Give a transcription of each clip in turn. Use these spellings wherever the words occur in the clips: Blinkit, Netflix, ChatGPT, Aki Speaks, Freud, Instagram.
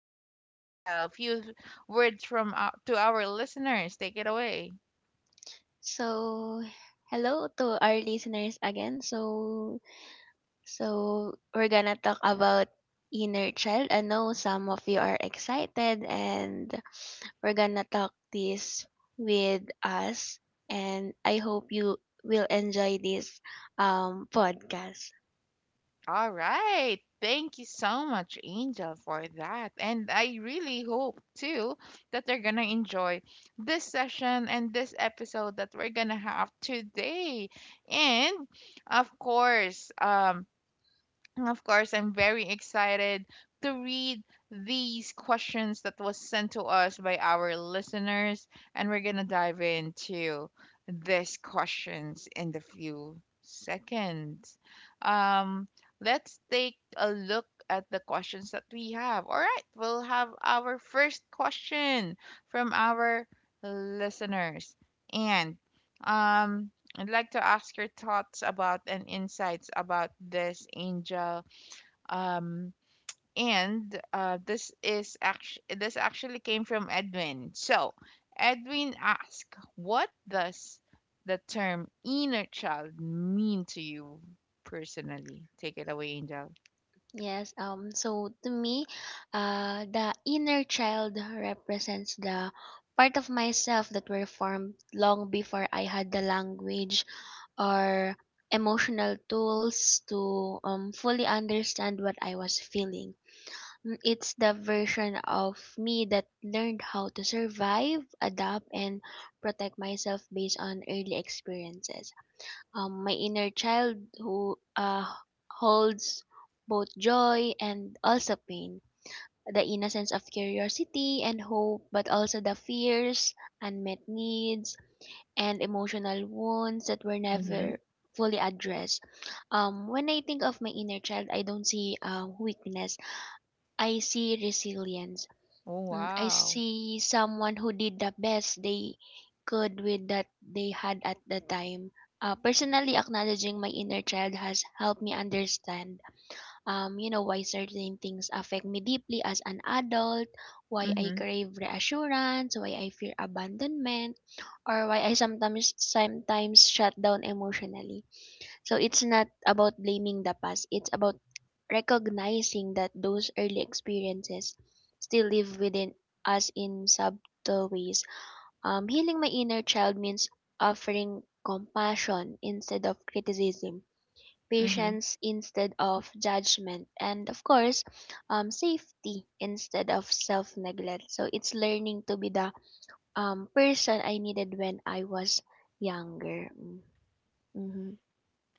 if you can tell a few words to our listeners, take it away. So, hello to our listeners again. So we're gonna talk about inner child. I know some of you are excited, and we're gonna talk this with us. And I hope you will enjoy this podcast. All right. Thank you so much, Angel, for that. And I really hope, too, that they're going to enjoy this session and this episode that we're going to have today. And, of course, um, And of course, I'm very excited to read these questions that was sent to us by our listeners, and we're gonna dive into these questions in the few seconds. Um, let's take a look at the questions that we have. All right, we'll have our first question from our listeners, and um, I'd like to ask your thoughts about and insights about this, angel. Um, and this is actually this actually came from Edwin. So Edwin asked, "What does the term inner child mean to you personally?" Take it away, Angel. Yes, so to me, the inner child represents the part of myself that were formed long before I had the language or emotional tools to fully understand what I was feeling. Mm, it's the version of me that learned how to survive, adapt and protect myself based on early experiences. My inner child who holds both joy and also pain, the innocence of curiosity and hope, but also the fears, unmet needs, and emotional wounds that were Mm-hmm. never fully addressed. When I think of my inner child, I don't see weakness. I see resilience. Oh Mm, I wow. see someone who did the best they could with that they had at the time. Personally, acknowledging my inner child has helped me understand, um, why certain things affect me deeply as an adult, why I Mm-hmm. crave reassurance, why I fear abandonment, or why I sometimes shut down emotionally. So it's not about blaming the past, it's about recognizing that those early experiences still live within us in subtle ways. Healing my inner child means offering compassion instead of criticism, Mm-hmm. patience instead of judgment, and of course, safety instead of self neglect. So it's learning to be the person I needed when I was younger. Mm-hmm.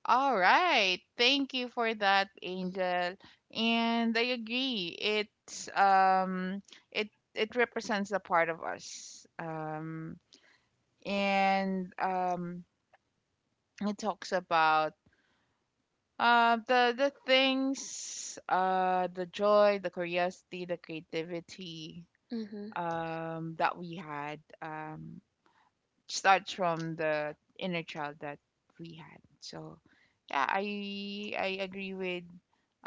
All right. Thank you for that, Angel. And I agree. It's it it represents a part of us. And it talks about the things, the joy, the curiosity, the creativity Mhm, that we had, starts from the inner child that we had. So yeah, I agree with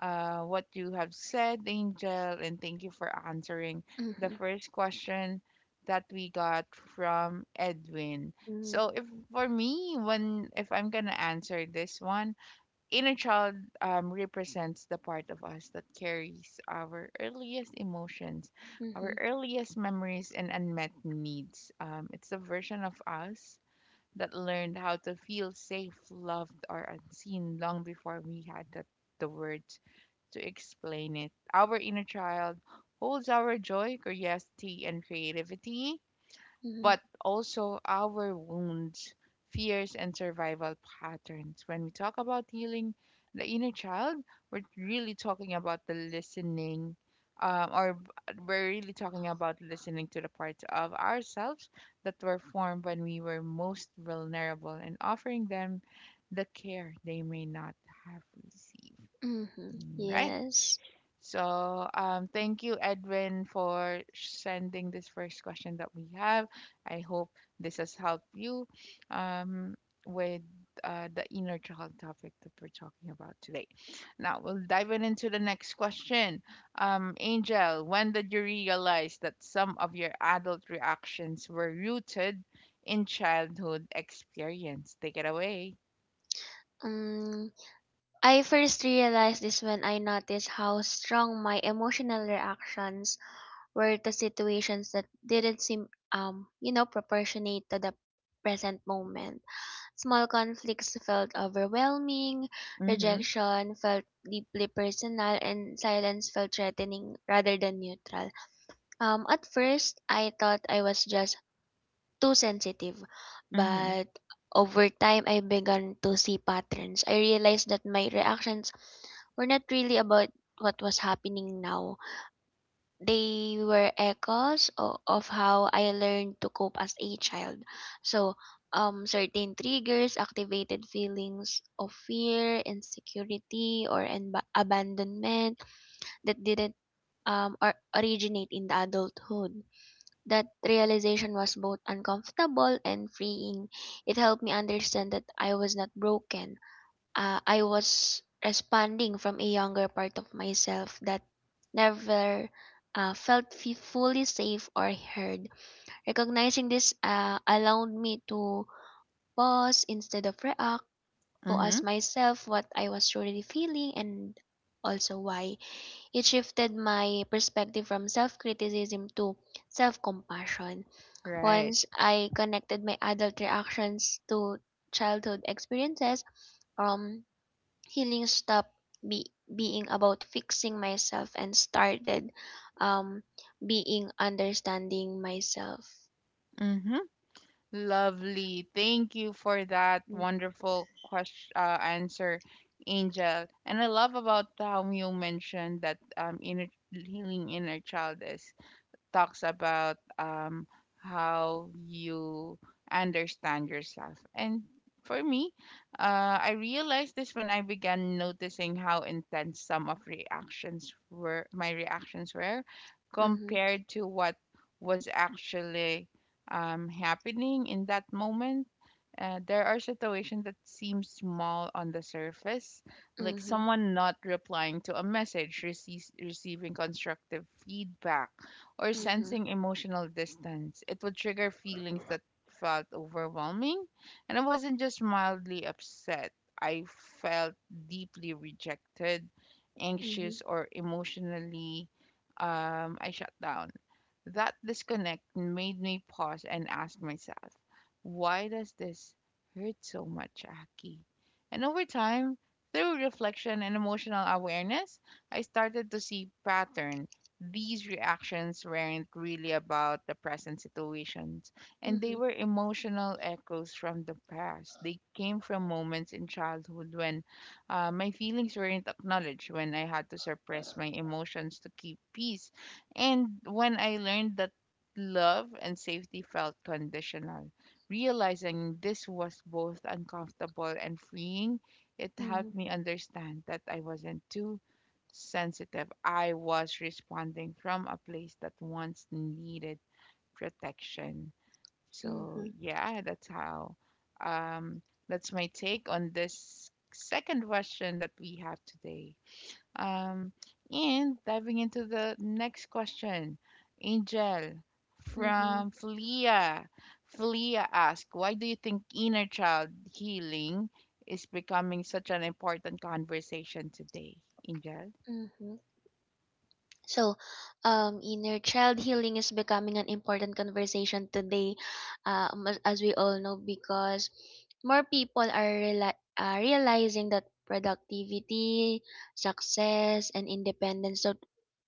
what you have said, Angel, and thank you for answering the mhm, first question that we got from Edwin. mm, So if for me, when if I'm gonna answer this one, inner child represents the part of us that carries our earliest emotions, our mhm, earliest memories, and unmet needs. It's the version of us that learned how to feel safe, loved, or unseen long before we had the words to explain it. Our inner child holds our joy, curiosity, and creativity, mhm, but also our wounds, fears, and survival patterns. When we talk about healing the inner child, we're really talking about the listening, or b- we're really talking about listening to the parts of ourselves that were formed when we were most vulnerable and offering them the care they may not have received. mhm. Mm. Right. Yes. So, thank you, Edwin, for sending this first question that we have. I hope this has helped you um, with the inner child topic that we're talking about today. Now, we'll dive in into the next question. Angel, when did you realize that some of your adult reactions were rooted in childhood experience? Take it away. Um, I first realized this when I noticed how strong my emotional reactions were to situations that didn't seem, proportionate to the present moment. Small conflicts felt overwhelming, Mm-hmm. rejection felt deeply personal, and silence felt threatening rather than neutral. At first, I thought I was just too sensitive. Mm-hmm. But over time, I began to see patterns. I realized that my reactions were not really about what was happening now. They were echoes of how I learned to cope as a child. So, certain triggers activated feelings of fear, insecurity, or enba abandonment that didn't or originate in the adulthood. That realization was both uncomfortable and freeing. It helped me understand that I was not broken. I was responding from a younger part of myself that never felt fully safe or heard. Recognizing this allowed me to pause instead of react, to Mm-hmm. ask myself what I was truly feeling and also why. It shifted my perspective from self criticism to self compassion. Right. Once I connected my adult reactions to childhood experiences, um, healing stopped being about fixing myself and started um, being understanding myself. Mm-hmm. Lovely. Thank you for that Mm. wonderful question answer, Angel. And I love about how you mentioned that inner healing inner child is talks about how you understand yourself. And for me, I realized this when I began noticing how intense some of reactions were, my reactions were, Mm-hmm. compared to what was actually happening in that moment. There are situations that seem small on the surface, like Mm-hmm. someone not replying to a message, receiving constructive feedback, or Mm-hmm. sensing emotional distance. It would trigger feelings that felt overwhelming, and I wasn't just mildly upset. I felt deeply rejected, anxious, or emotionally I shut down. That disconnect made me pause and ask myself, why does this hurt so much, Aki? And over time, through reflection and emotional awareness, I started to see pattern. These reactions weren't really about the present situations, and Mm-hmm. they were emotional echoes from the past. They came from moments in childhood when my feelings weren't acknowledged, when I had to suppress my emotions to keep peace, and when I learned that love and safety felt conditional. Realizing this was both uncomfortable and freeing. It Mm-hmm. Mm-hmm. helped me understand that I wasn't too sensitive. I was responding from a place that once needed protection. So, Mm-hmm. yeah, that's how. Um, that's my take on this second question that we have today. Um, and diving into the next question, Angel, Mm-hmm. from Flea. Flea asks, why do you think inner child healing is becoming such an important conversation today, Angel? Mm-hmm. So, inner child healing is becoming an important conversation today, as we all know, because more people are, are realizing that productivity, success, and independence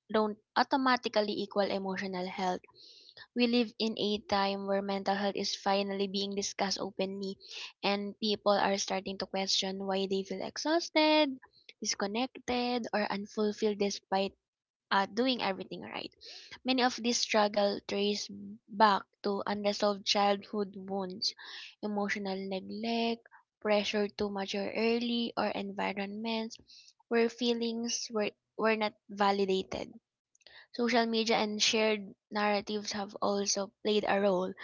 don't automatically equal emotional health. We live in a time where mental health is finally being discussed openly, and people are starting to question why they feel exhausted, disconnected, or unfulfilled despite doing everything right. Many of these struggles trace back to unresolved childhood wounds, emotional neglect, pressure to mature early, or environments where were not validated. Social media and shared narratives have also played a role.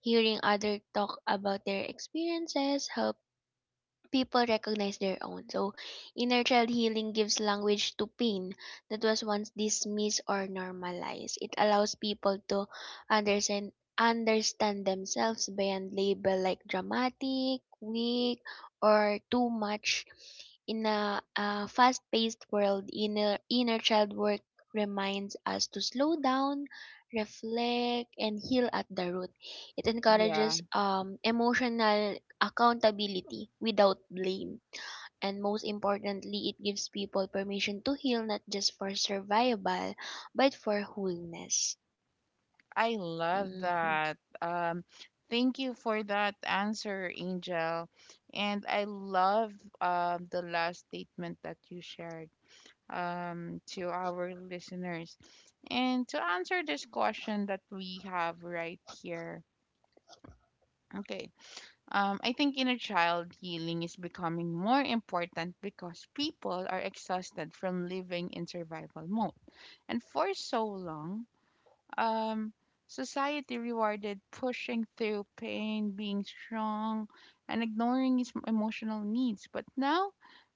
Hearing others talk about their experiences helps people recognize their own. So, inner child healing gives language to pain that was once dismissed or normalized. It allows people to understand understand themselves beyond label like dramatic, weak, or too much. In a fast-paced world, inner child work reminds us to slow down, reflect, and heal at the root. It Yeah, encourages emotional accountability without blame. And most importantly, it gives people permission to heal not just for survival, but for wholeness. I love Mm-hmm. that. Thank you for that answer, Angel. And I love the last statement that you shared to our listeners. And to answer this question that we have right here, okay, I think inner child healing is becoming more important because people are exhausted from living in survival mode. And for so long, um, society rewarded pushing through pain, being strong, and ignoring his emotional needs. But now,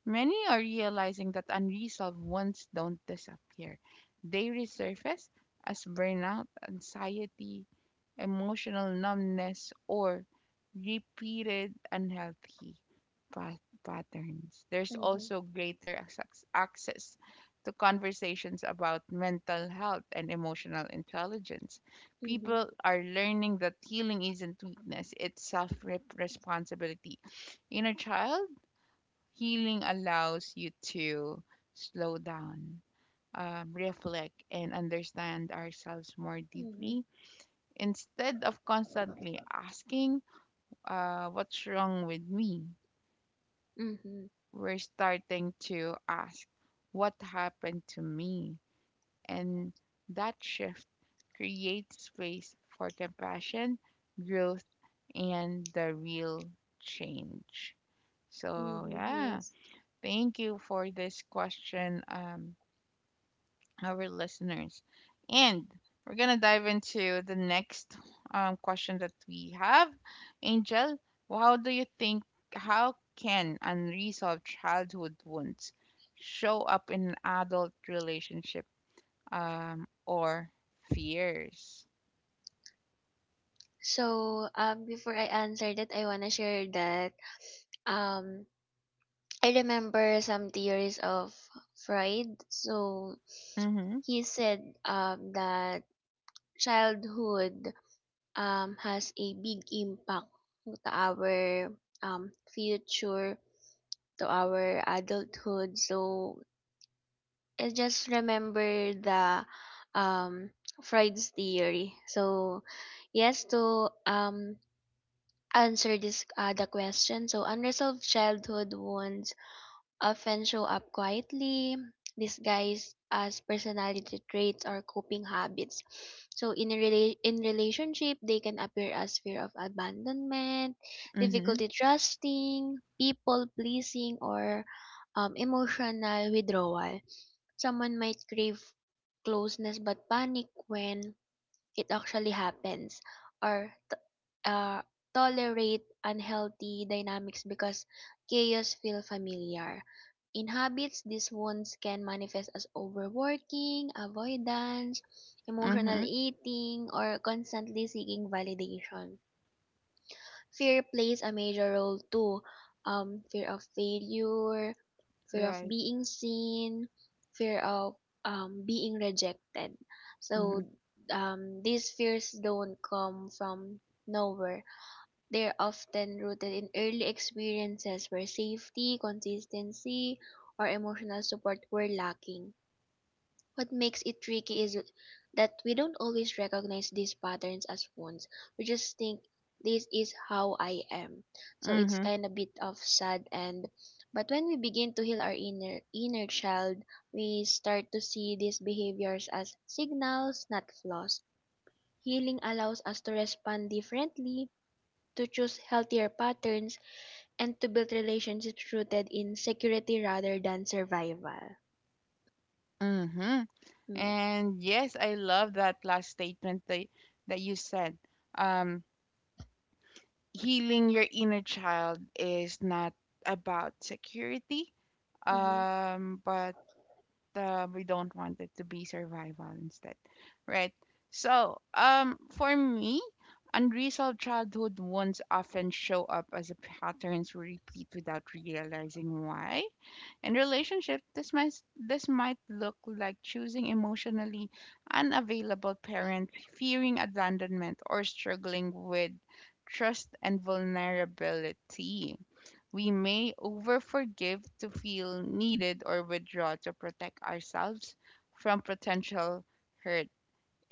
many are realizing that unresolved ones don't disappear, they resurface as burnout, anxiety, emotional numbness, or repeated unhealthy patterns. There's Mhm. also greater access to conversations about mental health and emotional intelligence. Mhm. People are learning that healing isn't weakness, it's self responsibility. Inner child healing allows you to slow down, reflect, and understand ourselves more deeply Mhm. instead of constantly asking, what's wrong with me? Mm-hmm. We're starting to ask, what happened to me? And that shift creates space for compassion, growth, and the real change. So, Mhm. yeah, Yes. thank you for this question, our listeners. And we're going to dive into the next question that we have. Angel, how do you think, how can unresolved childhood wounds show up in an adult relationship, or fears. So, before I answer that, I wanna share that um I remember some theories of Freud. So Mm-hmm. he said that childhood has a big impact to our future, to our adulthood. So I just remember the um, Freud's theory. So yes, to answer this the question. So unresolved childhood wounds often show up quietly, disguised as personality traits or coping habits. So in a in relationship, they can appear as fear of abandonment, Mm-hmm. difficulty trusting, people pleasing, or emotional withdrawal. Someone might crave closeness but panic when it actually happens or uh, tolerate unhealthy dynamics because chaos feel familiar. In habits, these wounds can manifest as overworking, avoidance, emotional Mm-hmm. eating, or constantly seeking validation. Fear plays a major role too. Fear of failure, fear of Right. being seen, fear of being rejected. Mm-hmm. So these fears don't come from nowhere. They're often rooted in early experiences where safety, consistency, or emotional support were lacking. What makes it tricky is that we don't always recognize these patterns as wounds. We just think this is how I am. So it's Mm-hmm. kind of bit of sad and but when we begin to heal our inner child, we start to see these behaviors as signals, not flaws. Healing allows us to respond differently, to choose healthier patterns, and to build relationships rooted in security rather than survival. Mm-hmm. Mm. And yes, I love that last statement that, that you said. Um, healing your inner child is not about security, Mhm. But we don't want it to be survival instead, right? So um, for me, unresolved childhood wounds often show up as a patterns we repeat without realizing why. In relationship, this might look like choosing emotionally unavailable parents, fearing abandonment, or struggling with trust and vulnerability. We may overforgive to feel needed or withdraw to protect ourselves from potential hurt.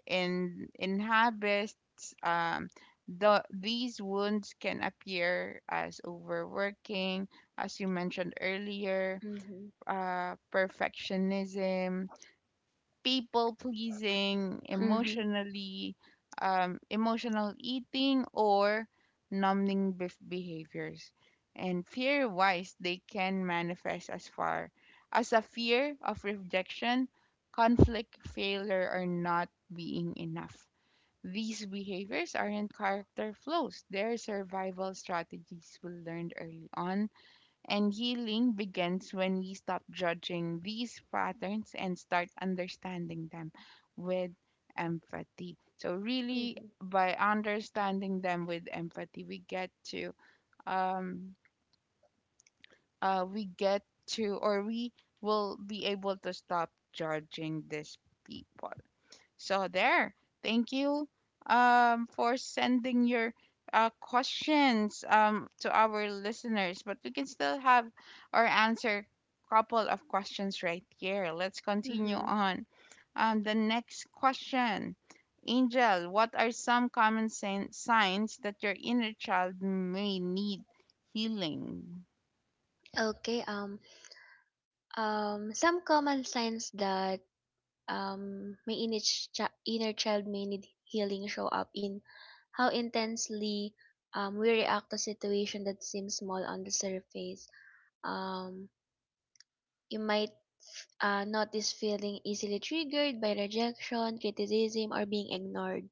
In habits, um, these wounds can appear as overworking, as you mentioned earlier, Mhm. Perfectionism, people pleasing, Mhm. Emotional eating, or numbing behaviors. And fear wise, they can manifest as a fear of rejection, conflict, failure, or not being enough. These behaviors aren't character flaws, they're survival strategies we learned early on, and healing begins when we stop judging these patterns and start understanding them with empathy. So, really, Mhm. by understanding them with empathy, um, we get to, or we will be able to stop judging these people. So there. Thank you for sending your questions to our listeners. But we can still have or answer couple of questions right here. Let's continue Mm-hmm. on. The next question. Angel, what are some common signs that your inner child may need healing? Okay. Some common signs that my inner child may need healing show up in how intensely we react to situation that seems small on the surface. Um. You might notice feeling easily triggered by rejection, criticism, or being ignored.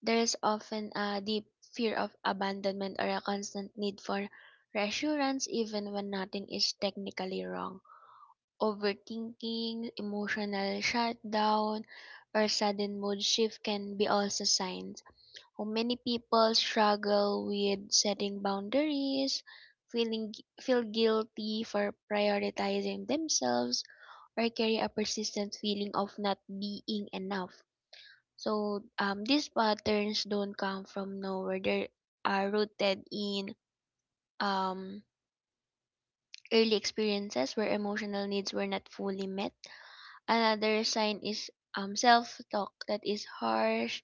There's often a deep fear of abandonment or a constant need for reassurance, even when nothing is technically wrong. Overthinking, emotional shutdown, or sudden mood shift can be also signs. Many people struggle with setting boundaries, feeling feel guilty for prioritizing themselves, or carry a persistent feeling of not being enough. So these patterns don't come from nowhere. They are rooted in um, early experiences where emotional needs were not fully met. Another sign is self talk that is harsh,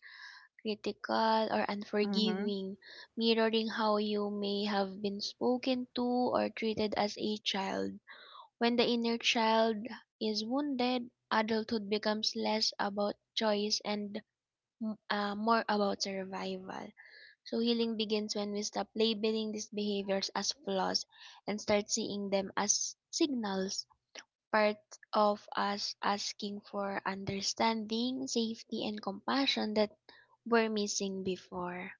critical, or Mm-hmm. unforgiving, mirroring how you may have been spoken to or treated as a child. When the inner child is wounded, adulthood becomes less about choice and more about survival. So, healing begins when we stop labeling these behaviors as flaws and start seeing them as signals part of us asking for understanding, safety, and compassion that were missing before.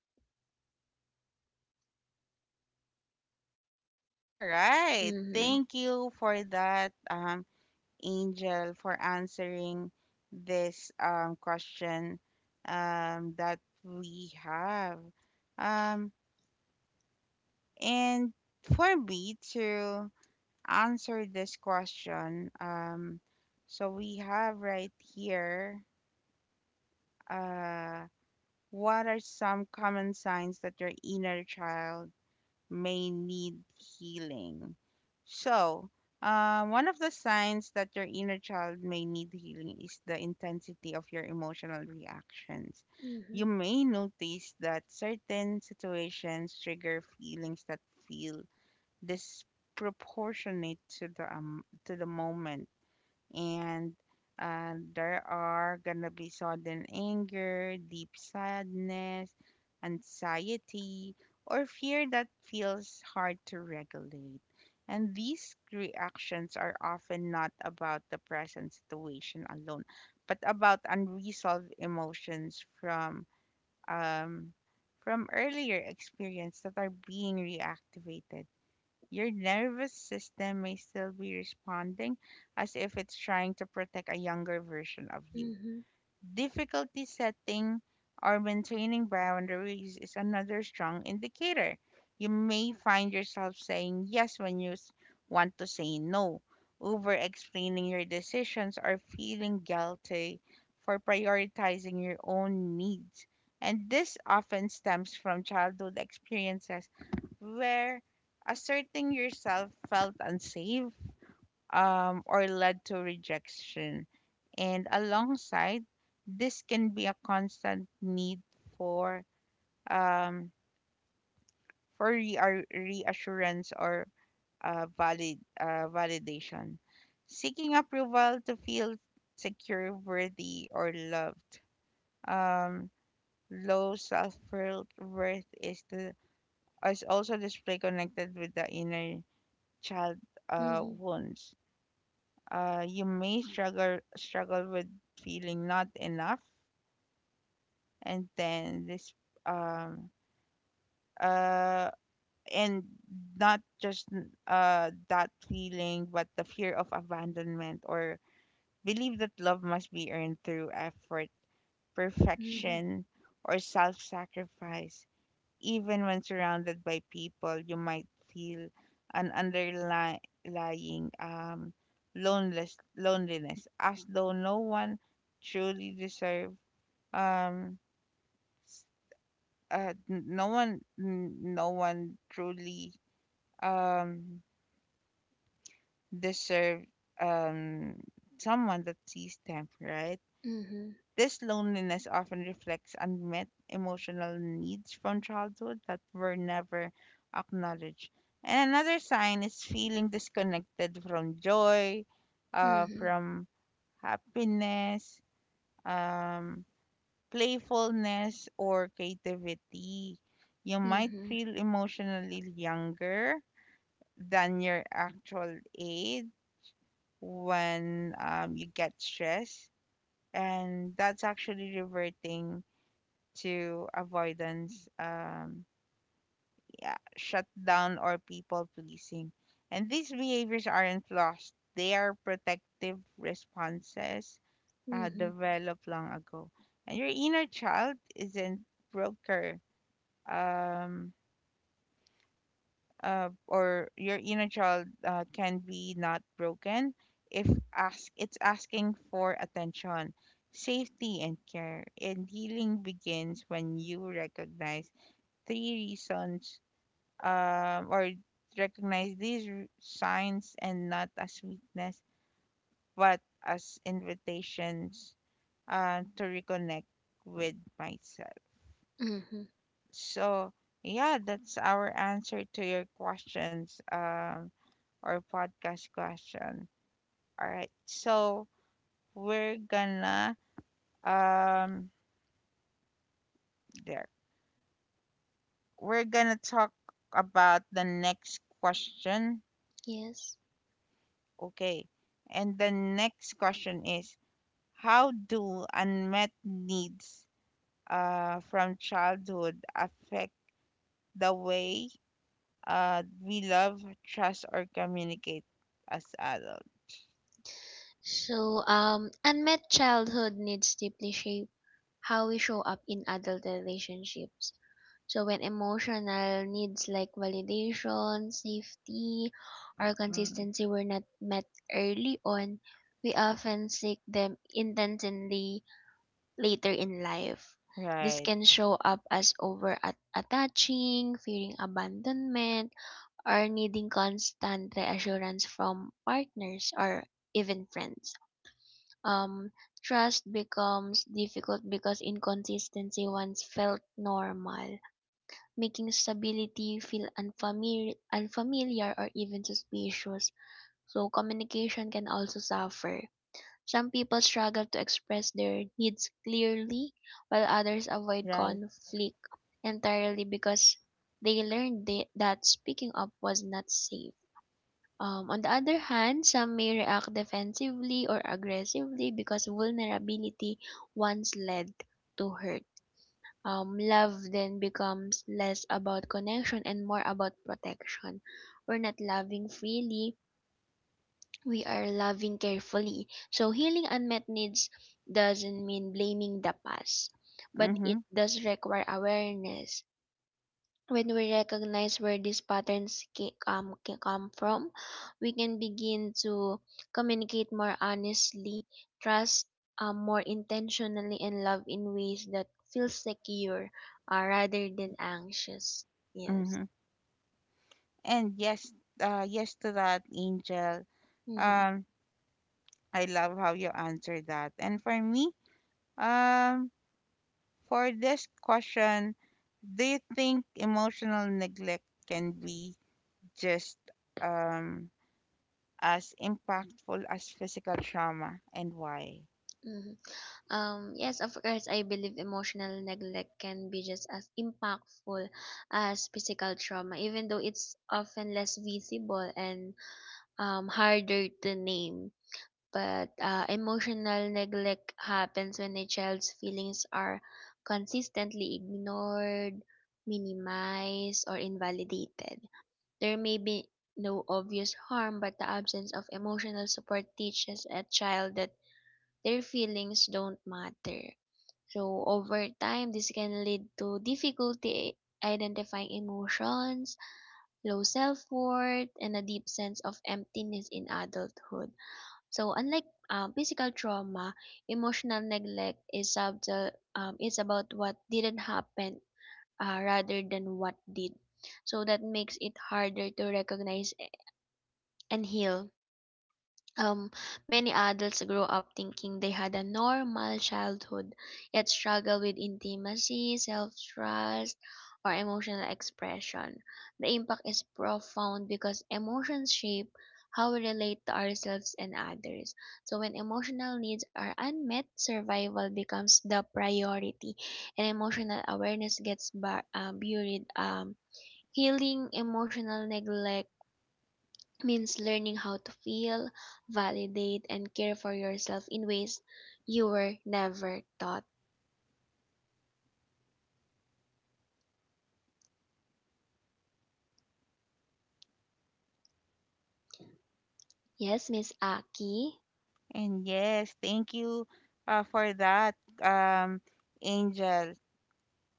All right. Mm-hmm. Thank you for that. Angel, for answering this question that we have. Um, and for me to answer this question, so we have right here uh, what are some common signs that your inner child may need healing. So, one of the signs that your inner child may need healing is the intensity of your emotional reactions. Mm-hmm. You may notice that certain situations trigger feelings that feel disproportionate to the moment, and there are gonna be sudden anger, deep sadness, anxiety, or fear that feels hard to regulate. And these reactions are often not about the present situation alone, but about unresolved emotions um, from earlier experience that are being reactivated. Your nervous system may still be responding as if it's trying to protect a younger version of you. Mm-hmm. Difficulty setting or maintaining boundaries is another strong indicator. You may find yourself saying yes when you want to say no, over explaining your decisions, or feeling guilty for prioritizing your own needs. And this often stems from childhood experiences where asserting yourself felt unsafe or led to rejection. And alongside, this can be a constant need for um, for reassurance or validation, seeking approval to feel secure, worthy, or loved. Um, Low self worth is the is also display connected with the inner child Mm-hmm. wounds. You may struggle with feeling not enough, and then this um, uh, and not just that feeling, but the fear of abandonment or believe that love must be earned through effort, Mm-hmm. perfection, or self-sacrifice. Even when surrounded by people, you might feel an underlying loneliness, as though no one truly deserve um, s- no one truly um, deserve um, someone that sees them, right? Mm-hmm. This loneliness often reflects unmet emotional needs from childhood that were never acknowledged. And another sign is feeling disconnected from joy, Mm-hmm. from happiness, um, playfulness, or creativity. You might Mm-hmm. feel emotionally younger than your actual age when you get stressed, and that's actually reverting to avoidance, yeah, shut down or people pleasing. And these behaviors aren't lost. They are protective responses Mm-hmm. developed long ago. And your inner child isn't broker. Um, or your inner child can be not broken if ask it's asking for attention safety and care and healing begins when you recognize three reasons or recognize these signs and not as weakness, but as invitations to reconnect with myself. Mm-hmm. So, yeah, that's our answer to your questions or podcast question. All right, so we're gonna um there we're gonna talk about the next question. Yes. Okay, and the next question is: How do unmet needs from childhood affect the way we love, trust, or communicate as adults? So, unmet childhood needs deeply shape how we show up in adult relationships. So when emotional needs like validation, safety, or Mm, consistency were not met early on, we often seek them intentionally later in life. This right, can show up as over attaching, fearing abandonment, or needing constant reassurance from partners or even friends. Um, trust becomes difficult because inconsistency once felt normal, making stability feel unfamiliar or even suspicious. So communication can also suffer. Some people struggle to express their needs clearly, while others avoid right. conflict entirely because they learned that speaking up was not safe. On the other hand, some may react defensively or aggressively because vulnerability once led to hurt. Love then becomes less about connection and more about protection. We're not loving freely, we are loving carefully. So, healing unmet needs doesn't mean blaming the past, but Mm-hmm, it does require awareness. When we recognize where these patterns come from, we can begin to communicate more honestly, trust more intentionally, and love in ways that feel secure rather than anxious. Yes. mm-hmm. And yes, yes to that, Angel. Mm-hmm. Um, I love how you answered that. And for me, um, for this question, do you think emotional neglect can be just um as impactful as physical trauma and why? Mm-hmm. Yes, of course, I believe emotional neglect can be just as impactful as physical trauma, even though it's often less visible and harder to name, but emotional neglect happens when a child's feelings are consistently ignored, minimized, or invalidated. There may be no obvious harm, but the absence of emotional support teaches a child that their feelings don't matter. So, over time, this can lead to difficulty identifying emotions, low self worth, and a deep sense of emptiness in adulthood. So unlike physical trauma, emotional neglect is about what didn't happen rather than what did. So that makes it harder to recognize and heal. Um, many adults grow up thinking they had a normal childhood, yet struggle with intimacy, self trust, or emotional expression. The impact is profound because emotions shape how we relate to ourselves and others. So, when emotional needs are unmet, survival becomes the priority, and emotional awareness gets buried. Healing emotional neglect means learning how to feel, validate, and care for yourself in ways you were never taught. Yes, Miss Aki. And yes, thank you for that, um, Angel.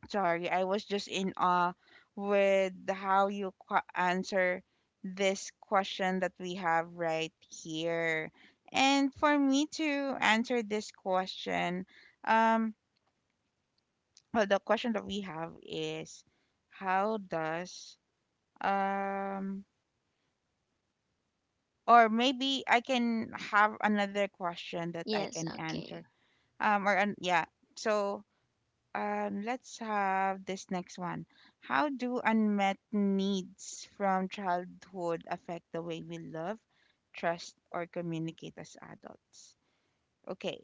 Sorry, I was just in awe with how you answer this question that we have right here. And for me to answer this question, um, well, the question that we have is how does um Or maybe I can have another question that I Yes, can answer. okay. Or an yeah. So let's have this next one. How do unmet needs from childhood affect the way we love, trust, or communicate as adults? Okay.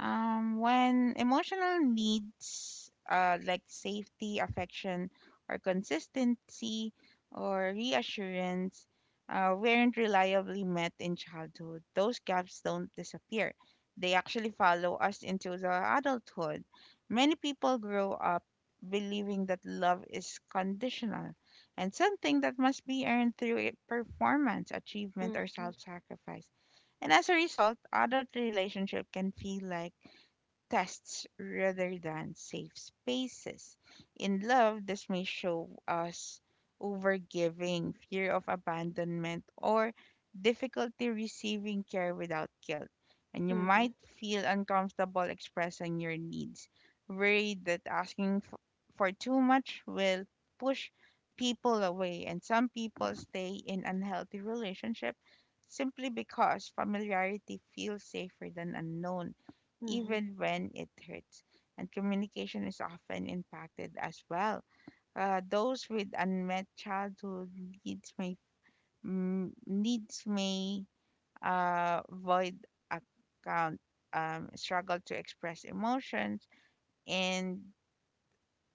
When emotional needs like safety, affection, or consistency or reassurance weren't reliably met in childhood, those gaps don't disappear. They actually follow us into the adulthood. Many people grow up believing that love is conditional and something that must be earned through performance, achievement, or Mhm. self sacrifice and as a result, adult relationship can feel like tests rather than safe spaces. In love, this may show us overgiving, fear of abandonment, or difficulty receiving care without guilt. And you Mhm. might feel uncomfortable expressing your needs, worried that asking for too much will push people away. And some people stay in unhealthy relationships simply because familiarity feels safer than unknown Mhm. even when it hurts. And communication is often impacted as well. Those with unmet childhood needs may needs may void account struggle to express emotions and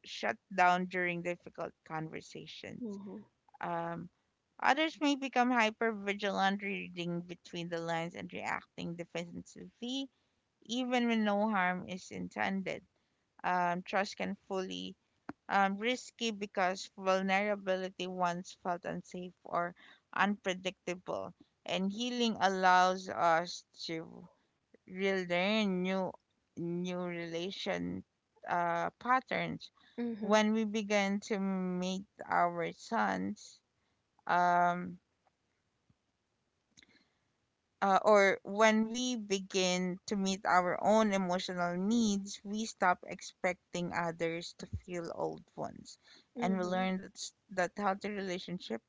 shut down during difficult conversations. Mhm. Um, Others may become hypervigilant, reading between the lines and reacting defensively, even when no harm is intended. Um, trust can fully risky because vulnerability once felt unsafe or unpredictable and healing allows us to relearn new new relation patterns Mhm. when we begin to meet our sons um, or when we begin to meet our own emotional needs, we stop expecting others to feel old ones, and we Mhm. learn that healthy relationship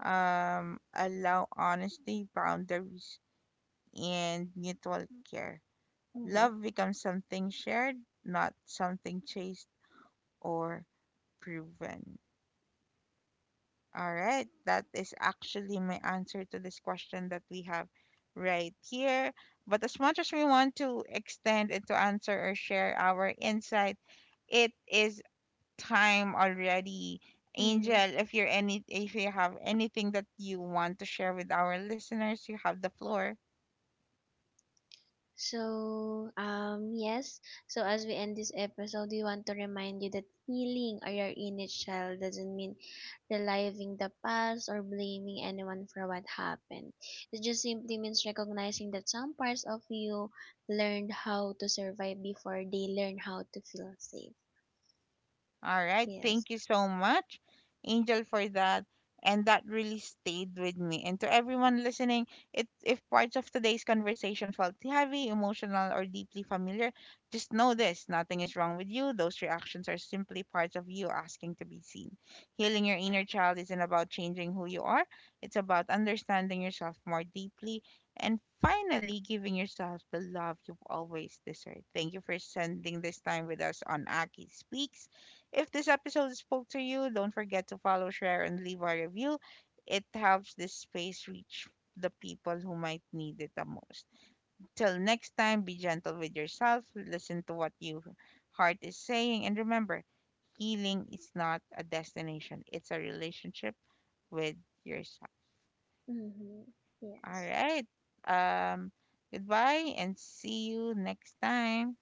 allow honesty, boundaries, and mutual care. Mhm. Love becomes something shared, not something chased or proven. All right, that is actually my answer to this question that we have right here. But as much as we want to extend and to answer or share our insight, it is time already. Angel, Mhm. if you're any if you have anything that you want to share with our listeners, you have the floor. So, yes. So, as we end this episode, we want to remind you that healing or your inner child doesn't mean reliving the past or blaming anyone for what happened. It just simply means recognizing that some parts of you learned how to survive before they learn how to feel safe. All right. Yes. Thank you so much, Angel, for that. And that really stayed with me. And to everyone listening, if parts of today's conversation felt heavy, emotional, or deeply familiar, just know this nothing is wrong with you. Those reactions are simply parts of you asking to be seen. Healing your inner child isn't about changing who you are, it's about understanding yourself more deeply and finally giving yourself the love you've always deserved. Thank you for spending this time with us on Aki Speaks. If this episode spoke to you, don't forget to follow, share, and leave a review. It helps this space reach the people who might need it the most. Till next time, be gentle with yourself, listen to what your heart is saying, and remember healing is not a destination, it's a relationship with yourself. Mm-hmm. All Yes. right. Um, Goodbye and see you next time.